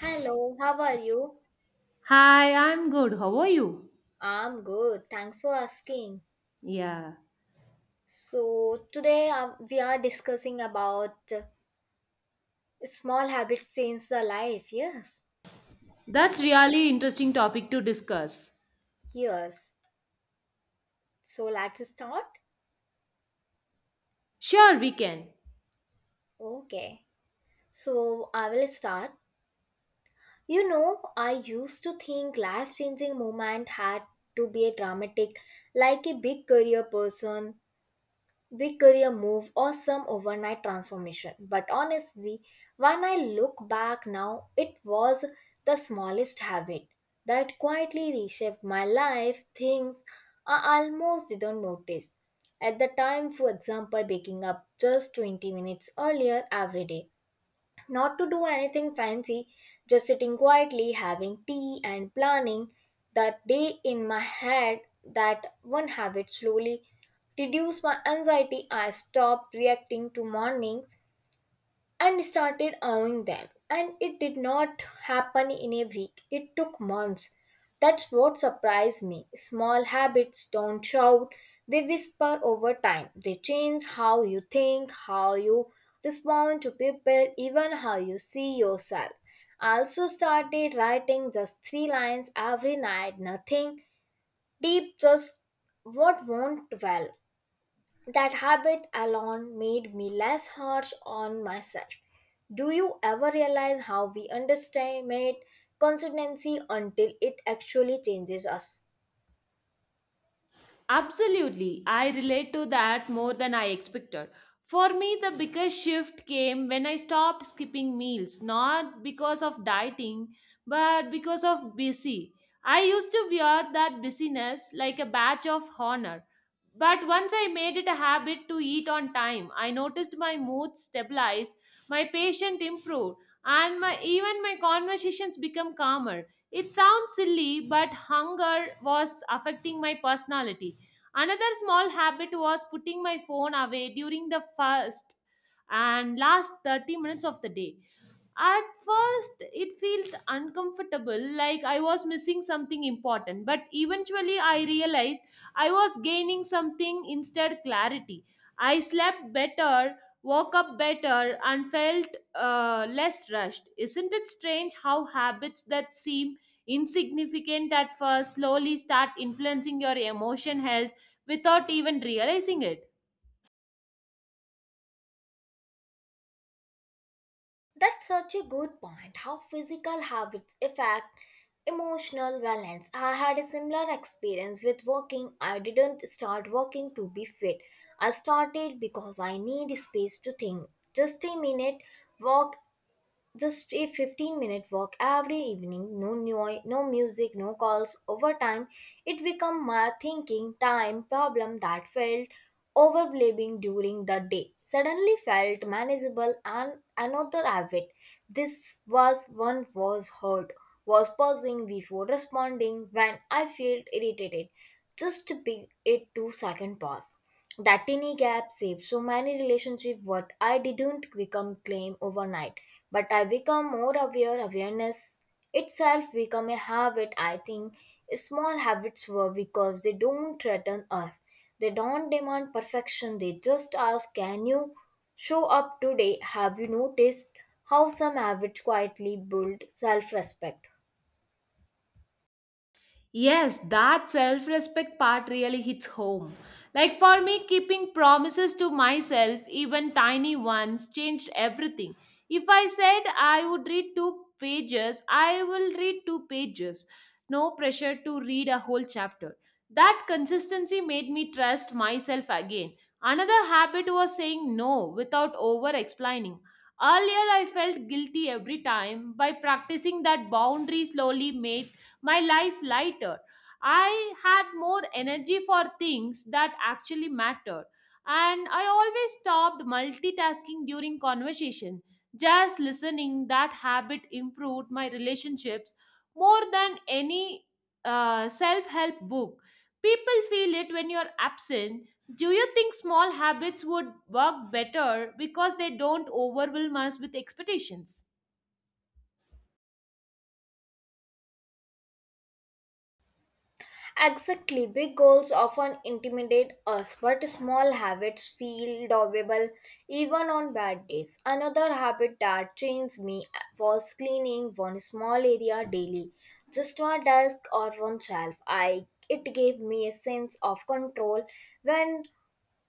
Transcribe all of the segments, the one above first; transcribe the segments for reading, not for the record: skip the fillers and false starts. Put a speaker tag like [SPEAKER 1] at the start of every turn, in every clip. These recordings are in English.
[SPEAKER 1] Hello, how are you?
[SPEAKER 2] Hi, I'm good. How are you?
[SPEAKER 1] I'm good. Thanks for asking.
[SPEAKER 2] Yeah,
[SPEAKER 1] So, today we are discussing about small habits change the life. Yes.
[SPEAKER 2] that's really interesting topic to discuss.
[SPEAKER 1] Yes. So, let's start.
[SPEAKER 2] Sure, we can.
[SPEAKER 1] Okay. So, I will start. You know, I used to think life changing moment had to be a dramatic, like a big career person big career move or some overnight transformation. But honestly, when I look back now, it was the smallest habit that quietly reshaped my life, things I almost didn't notice. At the time, for example, waking up just 20 minutes earlier every day not to do anything fancy, just sitting quietly, having tea, and planning that day in my head. That one habit slowly reduced my anxiety. I stopped reacting to mornings and started owning them. And it did not happen in a week, it took months. That's what surprised me. Small habits don't shout, they whisper over time. They change how you think, how you respond to people, even how you see yourself. I also started writing just three lines every night, nothing deep, just what went well. That habit alone made me less harsh on myself. Do you ever realize how we underestimate consistency until it actually changes us?
[SPEAKER 2] Absolutely. I relate to that more than I expected. For me, the biggest shift came when I stopped skipping meals, not because of dieting, but because of busy. I used to wear that busyness like a badge of honor. But once I made it a habit to eat on time, I noticed my mood stabilized, my patience improved, and even my conversations become calmer. It sounds silly, but hunger was affecting my personality. Another small habit was putting my phone away during the first and last 30 minutes of the day. At first, it felt uncomfortable, like I was missing something important, but eventually I realized I was gaining something instead clarity. I slept better, woke up better, and felt less rushed. Isn't it strange how habits that seem insignificant at first slowly start influencing your emotion health without even realizing it?
[SPEAKER 1] That's such a good point. How physical habits affect emotional balance. I had a similar experience with walking. I didn't start walking to be fit. I started because I need space to think. Just a minute walk. Just a 15-minute walk every evening, no, no music, no calls. Over time, it became my thinking time problem that felt overwhelming during the day. Suddenly felt manageable and another habit. This was one was hurt, was pausing before responding when I felt irritated. Just be a 2 second pause. That tiny gap saved so many relationships. What I didn't become claim overnight, but I become more aware. Awareness itself become a habit. I think small habits were because they don't threaten us. They don't demand perfection. They just ask, "Can you show up today?" Have you noticed how some habits quietly build self-respect?
[SPEAKER 2] Yes, that self respect part really hits home. Like for me, keeping promises to myself, even tiny ones, changed everything. If I said I would read two pages, I will read two pages. No pressure to read a whole chapter. That consistency made me trust myself again. Another habit was saying no without over explaining. Earlier, I felt guilty every time. By practicing that boundary slowly made my life lighter. I had more energy for things that actually mattered. And I always stopped multitasking during conversation. Just listening, that habit improved my relationships more than any self help book. People feel it when you're absent. Do you think small habits would work better because they don't overwhelm us with expectations?
[SPEAKER 1] Exactly, big goals often intimidate us, but small habits feel doable even on bad days. Another habit that changed me was cleaning one small area daily, just my desk or one shelf. I it gave me a sense of control when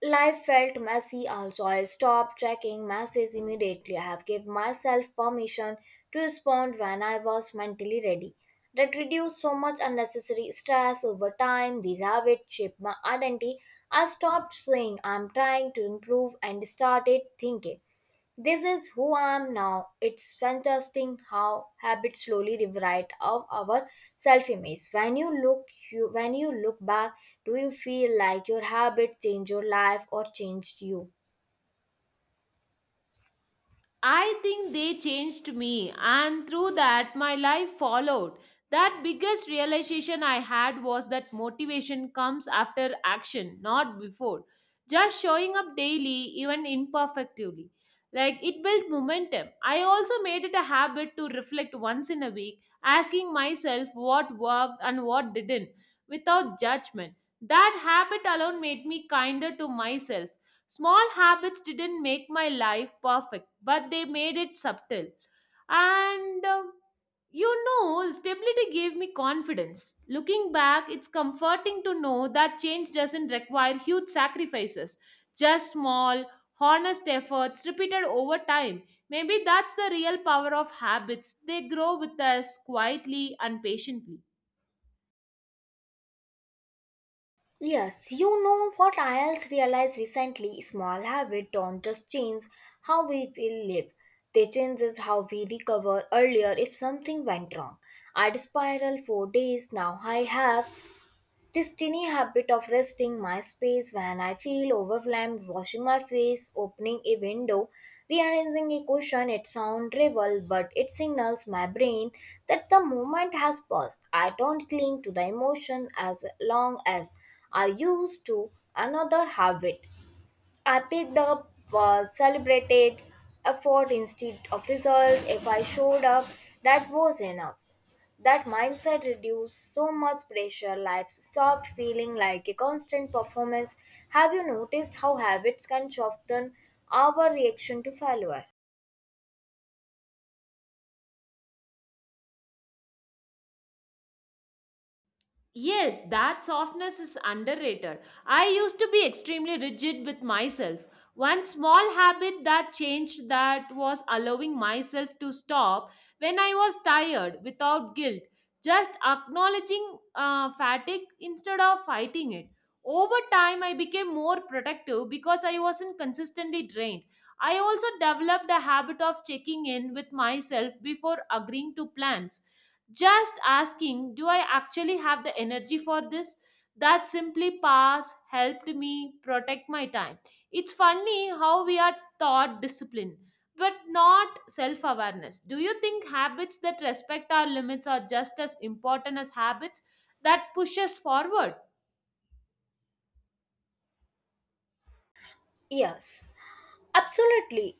[SPEAKER 1] life felt messy also. I stopped checking messages immediately. I have given myself permission to respond when I was mentally ready. That reduced so much unnecessary stress over time. These habits shaped my identity. I stopped saying I'm trying to improve and started thinking this is who I am now. It's fantastic how habits slowly rewrite of our self-image. When you look back, do you feel like your habit changed your life or changed you?
[SPEAKER 2] I think they changed me, and through that, my life followed. That biggest realization I had was that motivation comes after action, not before. Just showing up daily, even imperfectly. Like it built momentum. I also made it a habit to reflect once in a week, asking myself what worked and what didn't without judgment. That habit alone made me kinder to myself. Small habits didn't make my life perfect, but they made it subtle. And um, Stability gave me confidence. Looking back, it's comforting to know that change doesn't require huge sacrifices, just small, honest efforts repeated over time. Maybe that's the real power of habits. They grow with us quietly and patiently.
[SPEAKER 1] Yes, you know what I else realized recently small habits don't just change how we will live. They changes how we recover earlier if something went wrong. I'd spiral for days now I have this tiny habit of resting my space when I feel overwhelmed, washing my face, opening a window, rearranging a cushion, it sounds trivial, but it signals my brain that the moment has passed. I don't cling to the emotion as long as I used to another habit. I picked up was celebrated effort instead of results. If I showed up, that was enough. That mindset reduced so much pressure. Life stopped feeling like a constant performance. Have you noticed how habits can soften our reaction to failure?
[SPEAKER 2] Yes, that softness is underrated. I used to be extremely rigid with myself. One small habit that changed that was allowing myself to stop when I was tired without guilt, just acknowledging fatigue instead of fighting it. Over time, I became more protective because I wasn't consistently drained. I also developed a habit of checking in with myself before agreeing to plans, just asking, do I actually have the energy for this? That simply pass helped me protect my time. It's funny how we are taught discipline, but not self awareness. Do you think habits that respect our limits are just as important as habits that push us forward?
[SPEAKER 1] Yes, absolutely.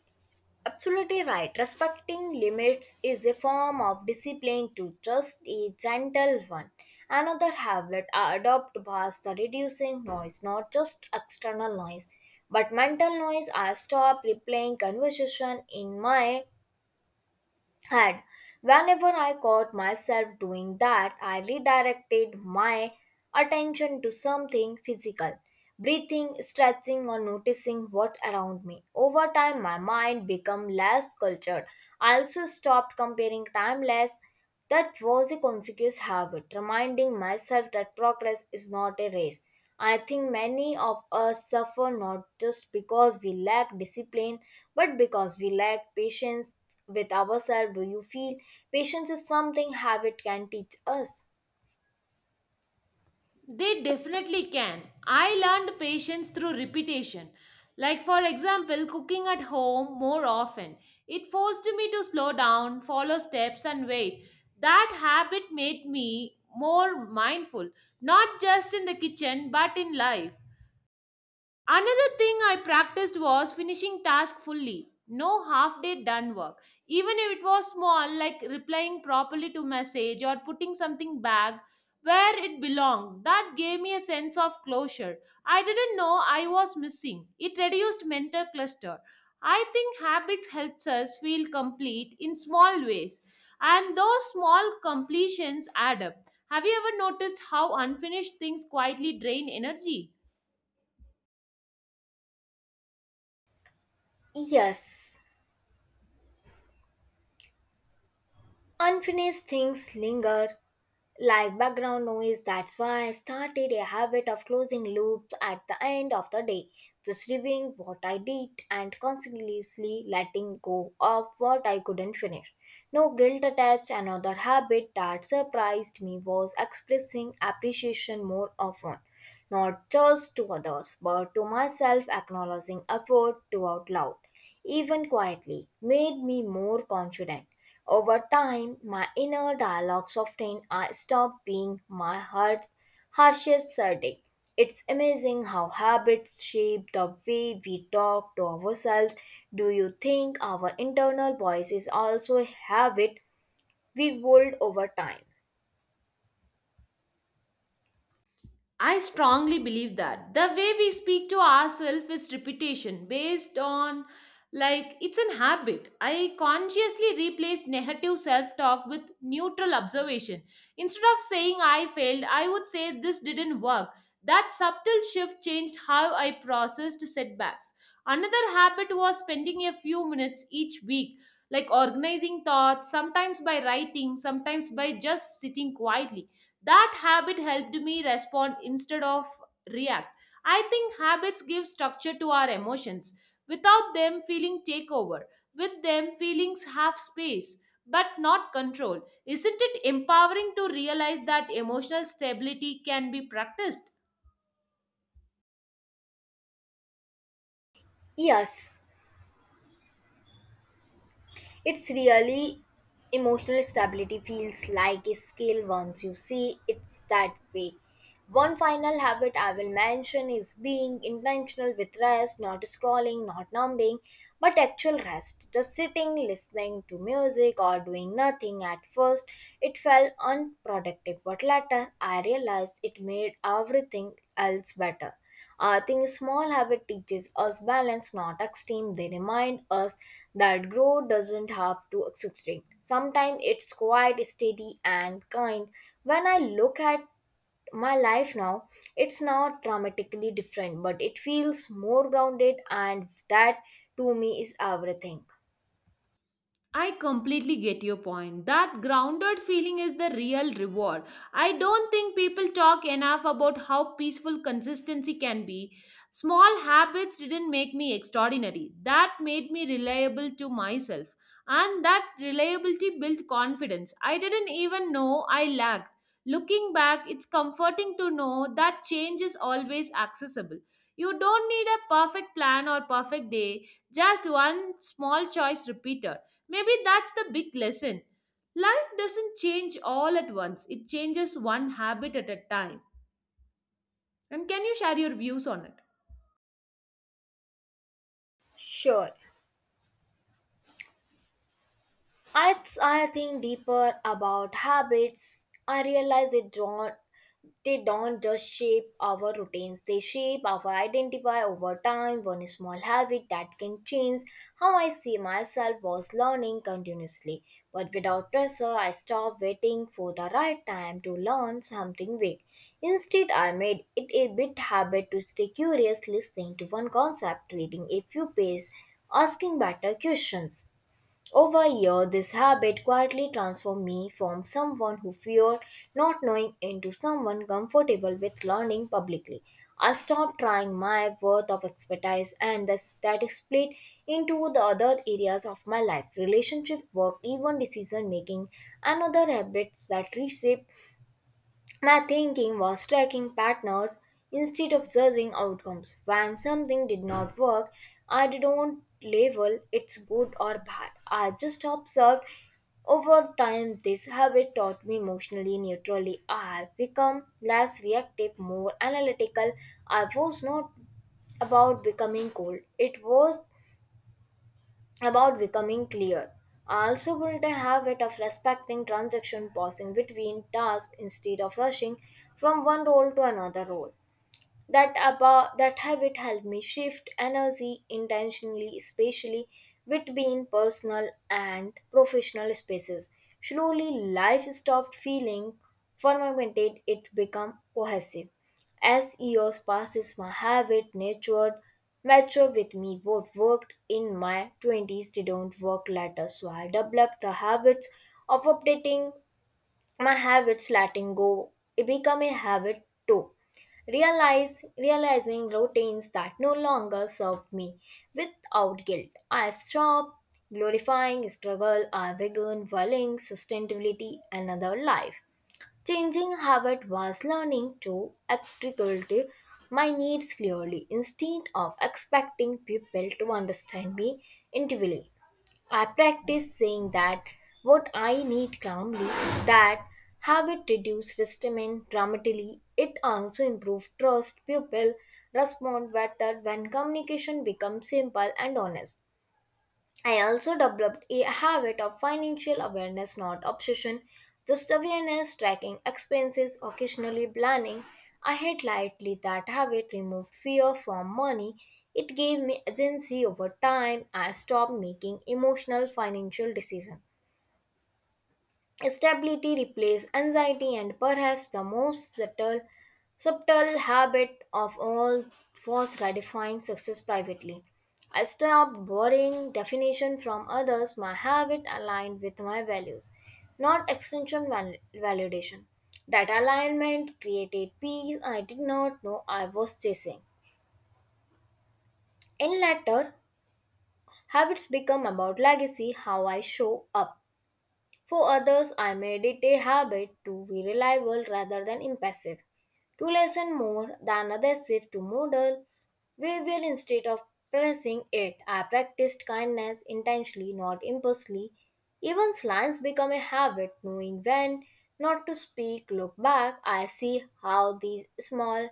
[SPEAKER 1] Absolutely right. Respecting limits is a form of discipline to just a gentle one. Another habit I adopt was the reducing noise, not just external noise, but mental noise. I stop replaying conversation in my had. Whenever I caught myself doing that, I redirected my attention to something physical, breathing, stretching, or noticing what around me. Over time, my mind became less cultured. I also stopped comparing timeless. That was a conscious habit, reminding myself that progress is not a race. I think many of us suffer not just because we lack discipline, but because we lack patience with ourselves. Do you feel patience is something habit can teach us?
[SPEAKER 2] They definitely can. I learned patience through repetition. Like, for example, cooking at home more often. It forced me to slow down, follow steps, and wait. That habit made me more mindful, not just in the kitchen, but in life. Another thing I practiced was finishing task fully. No half day done work. Even if it was small, like replying properly to message or putting something back where it belonged, that gave me a sense of closure. I didn't know I was missing. It reduced mental cluster. I think habits helps us feel complete in small ways, and those small completions add up. Have you ever noticed how unfinished things quietly drain energy?
[SPEAKER 1] Yes. Unfinished things linger, like background noise. That's why I started a habit of closing loops at the end of the day, just reviewing what I did and continuously letting go of what I couldn't finish. No guilt attached. Another habit that surprised me was expressing appreciation more often, not just to others, but to myself, acknowledging effort to out loud, even quietly, made me more confident. Over time, my inner dialogue softened. I stopped being my heart's harshest critic. It's amazing how habits shape the way we talk to ourselves. Do you think our internal voices also have it we mold over time?
[SPEAKER 2] I strongly believe that the way we speak to ourselves is repetition based on like it's an habit. I consciously replaced negative self talk with neutral observation. Instead of saying I failed, I would say this didn't work. That subtle shift changed how I processed setbacks. Another habit was spending a few minutes each week, like organizing thoughts, sometimes by writing, sometimes by just sitting quietly. That habit helped me respond instead of react. I think habits give structure to our emotions without them feeling take over. With them feelings have space but not control. Isn't it empowering to realize that emotional stability can be practiced?
[SPEAKER 1] Yes, it's really emotional stability feels like a skill once you see it's that way. One final habit I will mention is being intentional with rest, not scrolling, not numbing, but actual rest. Just sitting, listening to music, or doing nothing. At first, it felt unproductive, but later I realized it made everything else better. I think small habit teaches us balance, not extreme. They remind us that growth doesn't have to accelerate. Sometimes it's quite steady and kind. When I look at my life now, it's not dramatically different, but it feels more grounded, and that to me is everything.
[SPEAKER 2] I completely get your point. That grounded feeling is the real reward. I don't think people talk enough about how peaceful consistency can be. Small habits didn't make me extraordinary, that made me reliable to myself. And that reliability built confidence. I didn't even know I lacked. Looking back, it's comforting to know that change is always accessible. You don't need a perfect plan or perfect day, just one small choice repeated. Maybe that's the big lesson. Life doesn't change all at once, it changes one habit at a time. And can you share your views on it?
[SPEAKER 1] Sure. I think deeper about habits. I realize it don't they don't just shape our routines, they shape our identity over time. One small habit that can change how I see myself was learning continuously but without pressure. I stopped waiting for the right time to learn something big. Instead, I made it a bit habit to stay curious, listening to one concept, reading a few pages, asking better questions. Over years, this habit quietly transformed me from someone who feared not knowing into someone comfortable with learning publicly. I stopped trying my worth of expertise and that is split into the other areas of my life relationship, work, even decision making, and other habits that reshape my thinking was tracking partners instead of judging outcomes. When something did not work, I didn't label it's good or bad. I just observed. Over time this habit taught me emotionally neutrally. I have become less reactive, more analytical. I was not about becoming cold. It was about becoming clear. I also built a habit of respecting transaction, pausing between tasks instead of rushing from one role to another role. That habit helped me shift energy intentionally, especially between personal and professional spaces. Slowly life stopped feeling fragmented, it became cohesive. As years passes my habit matured, matured with me. What worked in my 20s didn't work later, so I developed the habits of updating my habits. Letting go it become a habit too. Realize Realizing routines that no longer serve me without guilt, I stop glorifying struggle. I began valuing sustainability. And other life changing habit was learning to articulate my needs clearly instead of expecting people to understand me intuitively. I practice saying that what I need calmly, that have it reduced resentment dramatically. It also improves trust. People respond better when communication becomes simple and honest. I also developed a habit of financial awareness, not obsession, just awareness, tracking expenses, occasionally planning. I had lightly that habit removed fear from money. It gave me agency over time. I stopped making emotional financial decisions. Stability replaced anxiety, and perhaps the most subtle habit of all was redefining success privately. I stopped borrowing definition from others. My habit aligned with my values, not validation. That alignment created peace I did not know I was chasing. In latter, habits become about legacy, how I show up for others. I made it a habit to be reliable rather than impassive, to listen more than aggressive, to model behavior instead of pressing it. I practiced kindness intentionally, not impulsively. Even slimes become a habit, knowing when not to speak. Look back, I see how these small,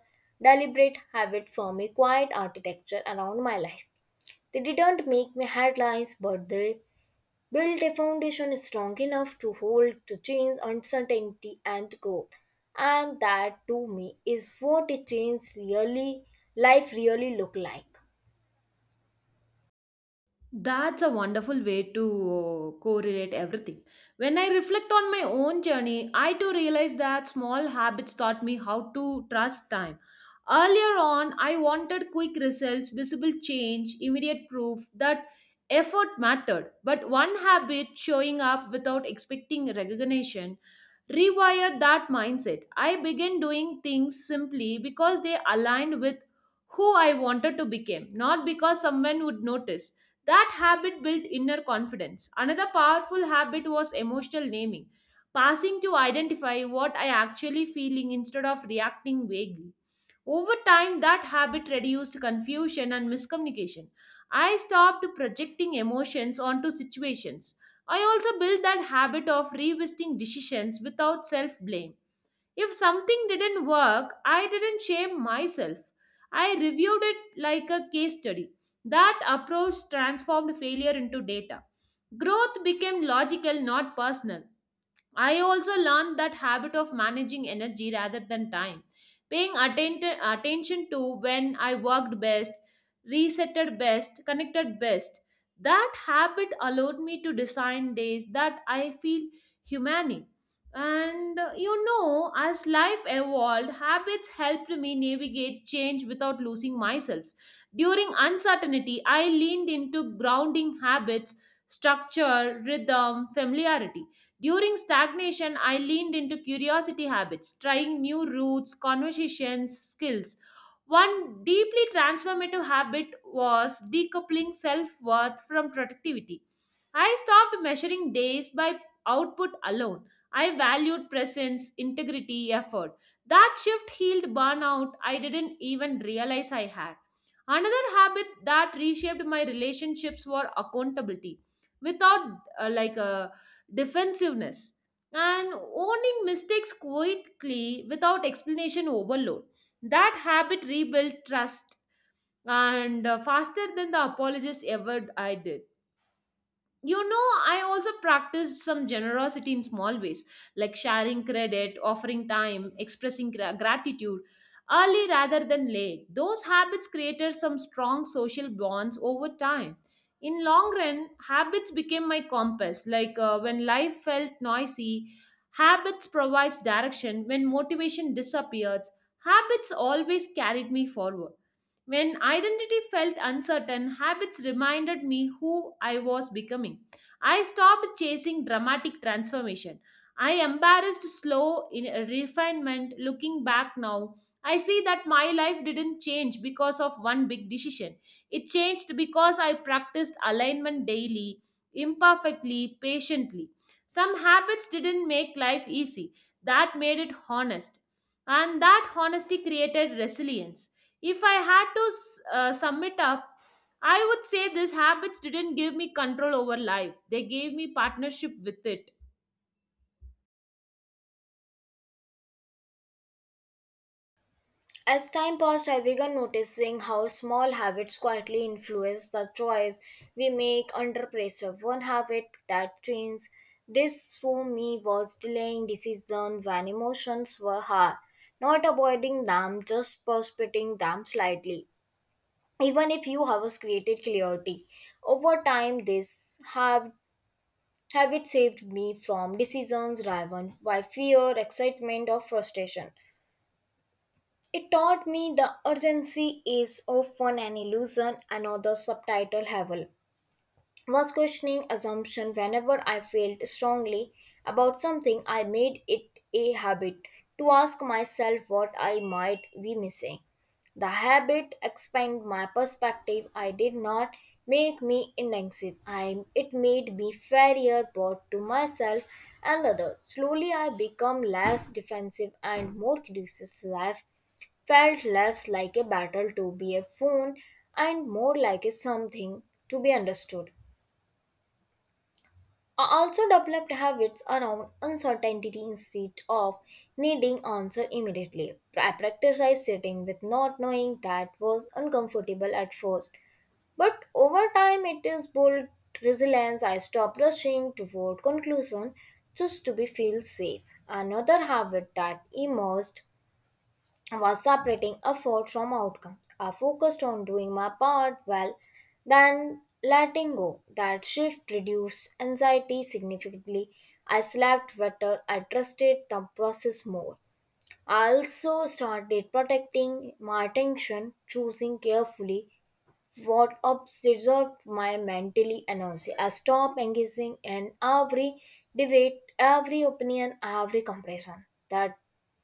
[SPEAKER 1] deliberate habits form a quiet architecture around my life. They didn't make me headlines, but they build a foundation strong enough to hold to change, uncertainty, and growth. And that to me is what a change really, life really look like.
[SPEAKER 2] That's a wonderful way to correlate everything. When I reflect on my own journey, I too realize that small habits taught me how to trust time. Earlier on, I wanted quick results, visible change, immediate proof that effort mattered. But one habit, showing up without expecting recognition, rewired that mindset. I began doing things simply because they aligned with who I wanted to become, not because someone would notice. That habit built inner confidence. Another powerful habit was emotional naming, passing to identify what I actually feeling instead of reacting vaguely. Over time, that habit reduced confusion and miscommunication. I stopped projecting emotions onto situations. I also built that habit of revisiting decisions without self blame. If something didn't work, I didn't shame myself. I reviewed it like a case study. That approach transformed failure into data. Growth became logical, not personal. I also learned that habit of managing energy rather than time, paying attention to when I worked best, resetted best, connected best. That habit allowed me to design days that I feel humane. As life evolved, habits helped me navigate change without losing myself. During uncertainty, I leaned into grounding habits, structure, rhythm, familiarity. During stagnation, I leaned into curiosity habits, trying new routes, conversations, skills. One deeply transformative habit was decoupling self worth from productivity. I stopped measuring days by output alone. I valued presence, integrity, effort. That shift healed burnout I didn't even realize I had. Another habit that reshaped my relationships were accountability. Without a defensiveness, and owning mistakes quickly without explanation overload. That habit rebuilt trust and faster than the apologists ever I did, you know. I also practiced some generosity in small ways, like sharing credit, offering time, expressing gratitude early rather than late. Those habits created some strong social bonds over time. In long run habits became my compass, like, when life felt noisy, habits provides direction. When motivation disappears, habits always carried me forward. When identity felt uncertain, habits reminded me who I was becoming. I stopped chasing dramatic transformation. I embarrassed slow in refinement. Looking back now, I see that my life didn't change because of one big decision. It changed because I practiced alignment daily, imperfectly, patiently. Some habits didn't make life easy, that made it honest. And that honesty created resilience. If I had to sum it up, I would say these habits didn't give me control over life, they gave me partnership with it.
[SPEAKER 1] As time passed, I began noticing how small habits quietly influence the choice we make under pressure. One habit that changed this for me was delaying decisions when emotions were hard, not avoiding them, just postponing them slightly. Even if few hours created clarity over time, this have it saved me from decisions driven by fear, excitement or frustration. It taught me the urgency is often an illusion. Another subtitle level was questioning assumption whenever I felt strongly about something. I made it a habit to ask myself what I might be missing. The habit expanded my perspective. I did not make me indecisive. I it made me fairer both to myself and others. Slowly I become less defensive and more curious. Life felt less like a battle to be a phone and more like a something to be understood. I also developed habits around uncertainty. Instead of needing answer immediately, I practiced sitting with not knowing. That was uncomfortable at first, but over time it is built resilience. I stopped rushing toward conclusion just to be feel safe. Another habit that emerged was separating effort from outcome. I focused on doing my part well, then letting go. That shift reduced anxiety significantly. I slept better. I trusted the process more. I also started protecting my attention, choosing carefully what observed my mentally energy. I stop engaging in every debate, every opinion, every comparison that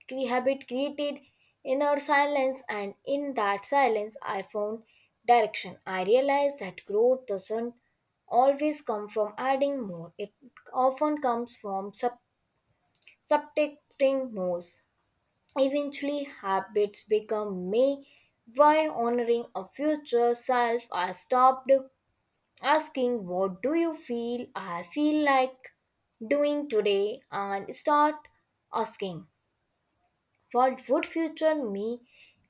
[SPEAKER 1] habit created inner silence, and in that silence, I found direction. I realized that growth doesn't always come from adding more, it often comes from subtracting no's. Eventually, habits become me. Why honoring a future self, I stopped asking, what do you feel? I feel like doing today, and start asking, what would future me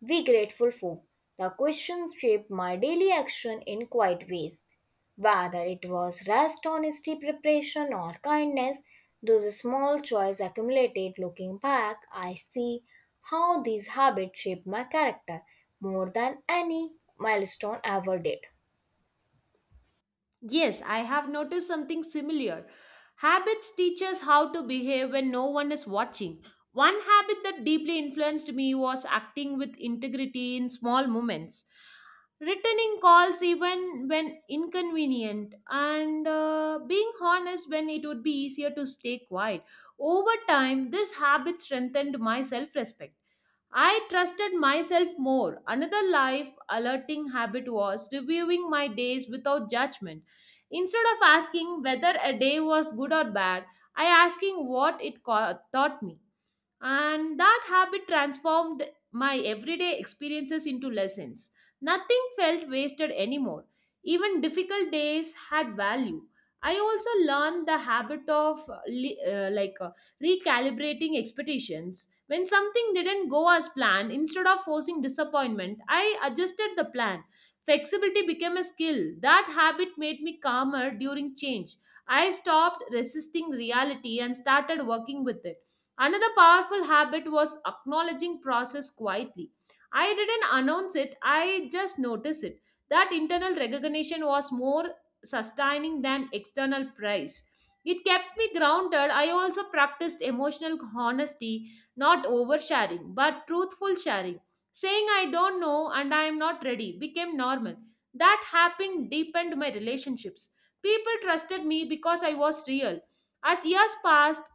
[SPEAKER 1] be grateful for? The questions shaped my daily action in quiet ways. Whether it was rest, honesty, preparation, or kindness, those small choices accumulated. Looking back, I see how these habits shaped my character more than any milestone ever did.
[SPEAKER 2] Yes, I have noticed something similar. Habits teach us how to behave when no one is watching. One habit that deeply influenced me was acting with integrity in small moments, returning calls even when inconvenient, and being honest when it would be easier to stay quiet. Over time, this habit strengthened my self respect. I trusted myself more. Another life alerting habit was reviewing my days without judgment. Instead of asking whether a day was good or bad, I asking what it taught me. And that habit transformed my everyday experiences into lessons. Nothing felt wasted anymore. Even difficult days had value. I also learned the habit of recalibrating expectations when something didn't go as planned, instead of forcing disappointment, I adjusted the plan. Flexibility became a skill. That habit made me calmer during change. I stopped resisting reality and started working with it. Another powerful habit was acknowledging process quietly. I didn't announce it, I just noticed it. That internal recognition was more sustaining than external praise. It kept me grounded. I also practiced emotional honesty, not oversharing, but truthful sharing. Saying I don't know and I am not ready became normal. That happened deepened my relationships. People trusted me because I was real. As years passed,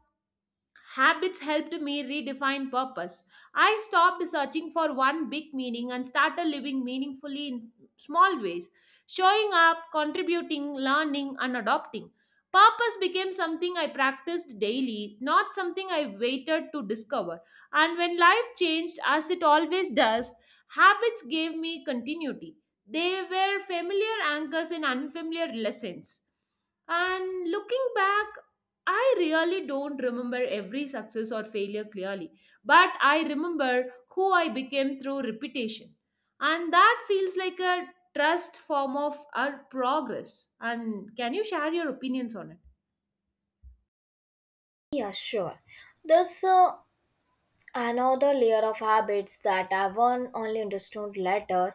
[SPEAKER 2] habits helped me redefine purpose. I stopped searching for one big meaning and started living meaningfully in small ways, showing up, contributing, learning, and adopting. Purpose became something I practiced daily, not something I waited to discover. And when life changed, as it always does, habits gave me continuity. They were familiar anchors in unfamiliar lessons. And looking back, I really don't remember every success or failure clearly, but I remember who I became through repetition. And that feels like a trust form of our progress. And can you share your opinions on it?
[SPEAKER 1] Yeah, sure. There's another layer of habits that I've only understood later,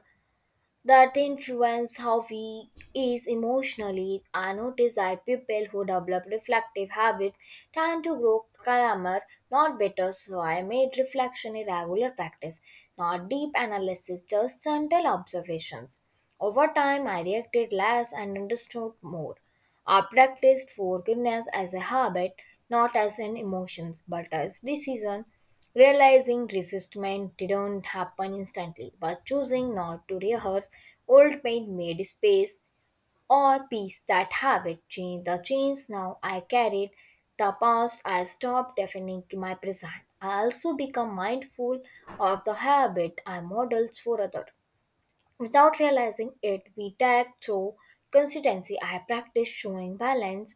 [SPEAKER 1] that influence how we is emotionally. I notice that people who develop reflective habits tend to grow calmer, not better. So I made reflection a regular practice, not deep analysis, just gentle observations. Over time, I reacted less and understood more. I practiced forgiveness as a habit, not as an emotion, but as decision, realizing resistment didn't happen instantly, but choosing not to rehearse old pain made space or peace. That habit changed the chains. Now I carried the past, I stopped defining my present. I also become mindful of the habit I models for others. Without realizing it, we tag through consistency. I practice showing balance,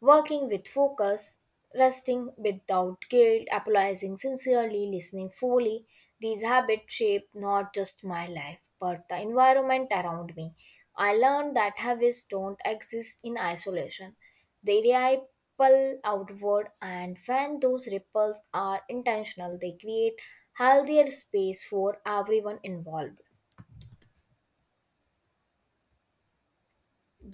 [SPEAKER 1] working with focus, resting without guilt, apologizing sincerely, listening fully. These habits shape not just my life, but the environment around me. I learned that habits don't exist in isolation. They ripple outward, and when those ripples are intentional, they create healthier space for everyone involved.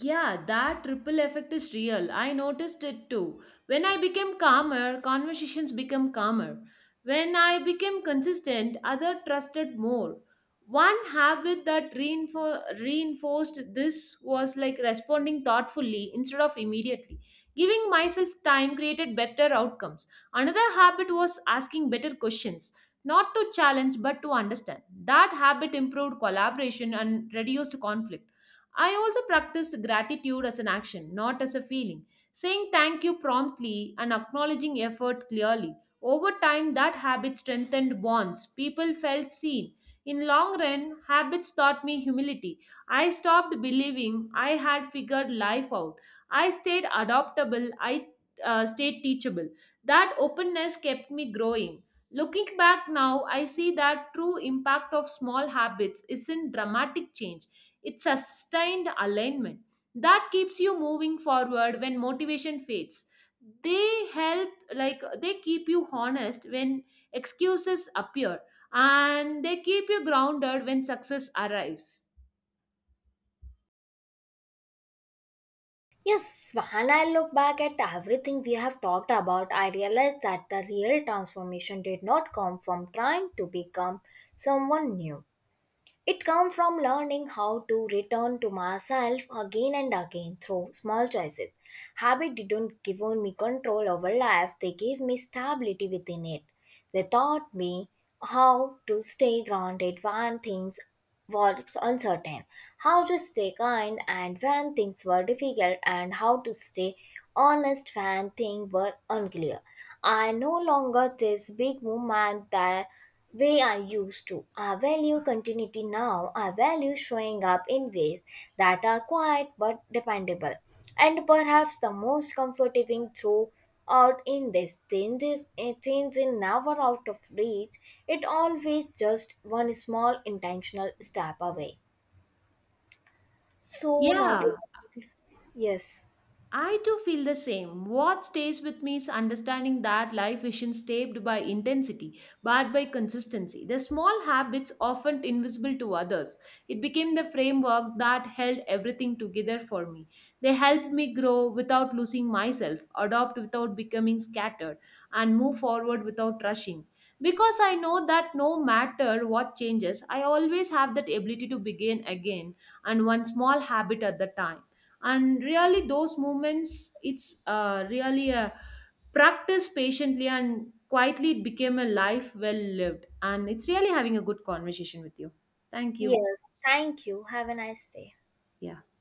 [SPEAKER 2] Yeah, that ripple effect is real. I noticed it too. When I became calmer, conversations became calmer. When I became consistent, other trusted more. One habit that reinforced this was like responding thoughtfully instead of immediately. Giving myself time created better outcomes. Another habit was asking better questions, not to challenge but to understand. That habit improved collaboration and reduced conflict. I also practiced gratitude as an action, not as a feeling, saying thank you promptly and acknowledging effort clearly. Over time, that habit strengthened bonds. People felt seen. In long run, habits taught me humility. I stopped believing I had figured life out. I stayed adaptable. I stayed teachable. That openness kept me growing. Looking back now, I see that true impact of small habits isn't dramatic change, it's sustained alignment that keeps you moving forward when motivation fades. They help, like, they keep you honest when excuses appear, and they keep you grounded when success arrives.
[SPEAKER 1] Yes, when I look back at everything we have talked about, I realize that the real transformation did not come from trying to become someone new. It came from learning how to return to myself again and again through small choices. Habit didn't give me control over life, they gave me stability within it. They taught me how to stay grounded when things was uncertain, how to stay kind and when things were difficult, and how to stay honest when things were unclear. I no longer this big movement that way I used to. I value continuity now. I value showing up in ways that are quiet but dependable. And perhaps the most comforting throughout in this change is a change in never out of reach. It always just one small intentional step away. So now we
[SPEAKER 2] Yeah.
[SPEAKER 1] yes.
[SPEAKER 2] I too feel the same. What stays with me is understanding that life isn't shaped by intensity, but by consistency. The small habits, often invisible to others, it became the framework that held everything together for me. They helped me grow without losing myself, adopt without becoming scattered, and move forward without rushing. Because I know that no matter what changes, I always have that ability to begin again, and one small habit at a time. And really those moments, it's really a practice patiently and quietly. It became a life well lived, and it's really having a good conversation with you. Thank you.
[SPEAKER 1] Yes. Thank you. Have a nice day.
[SPEAKER 2] Yeah.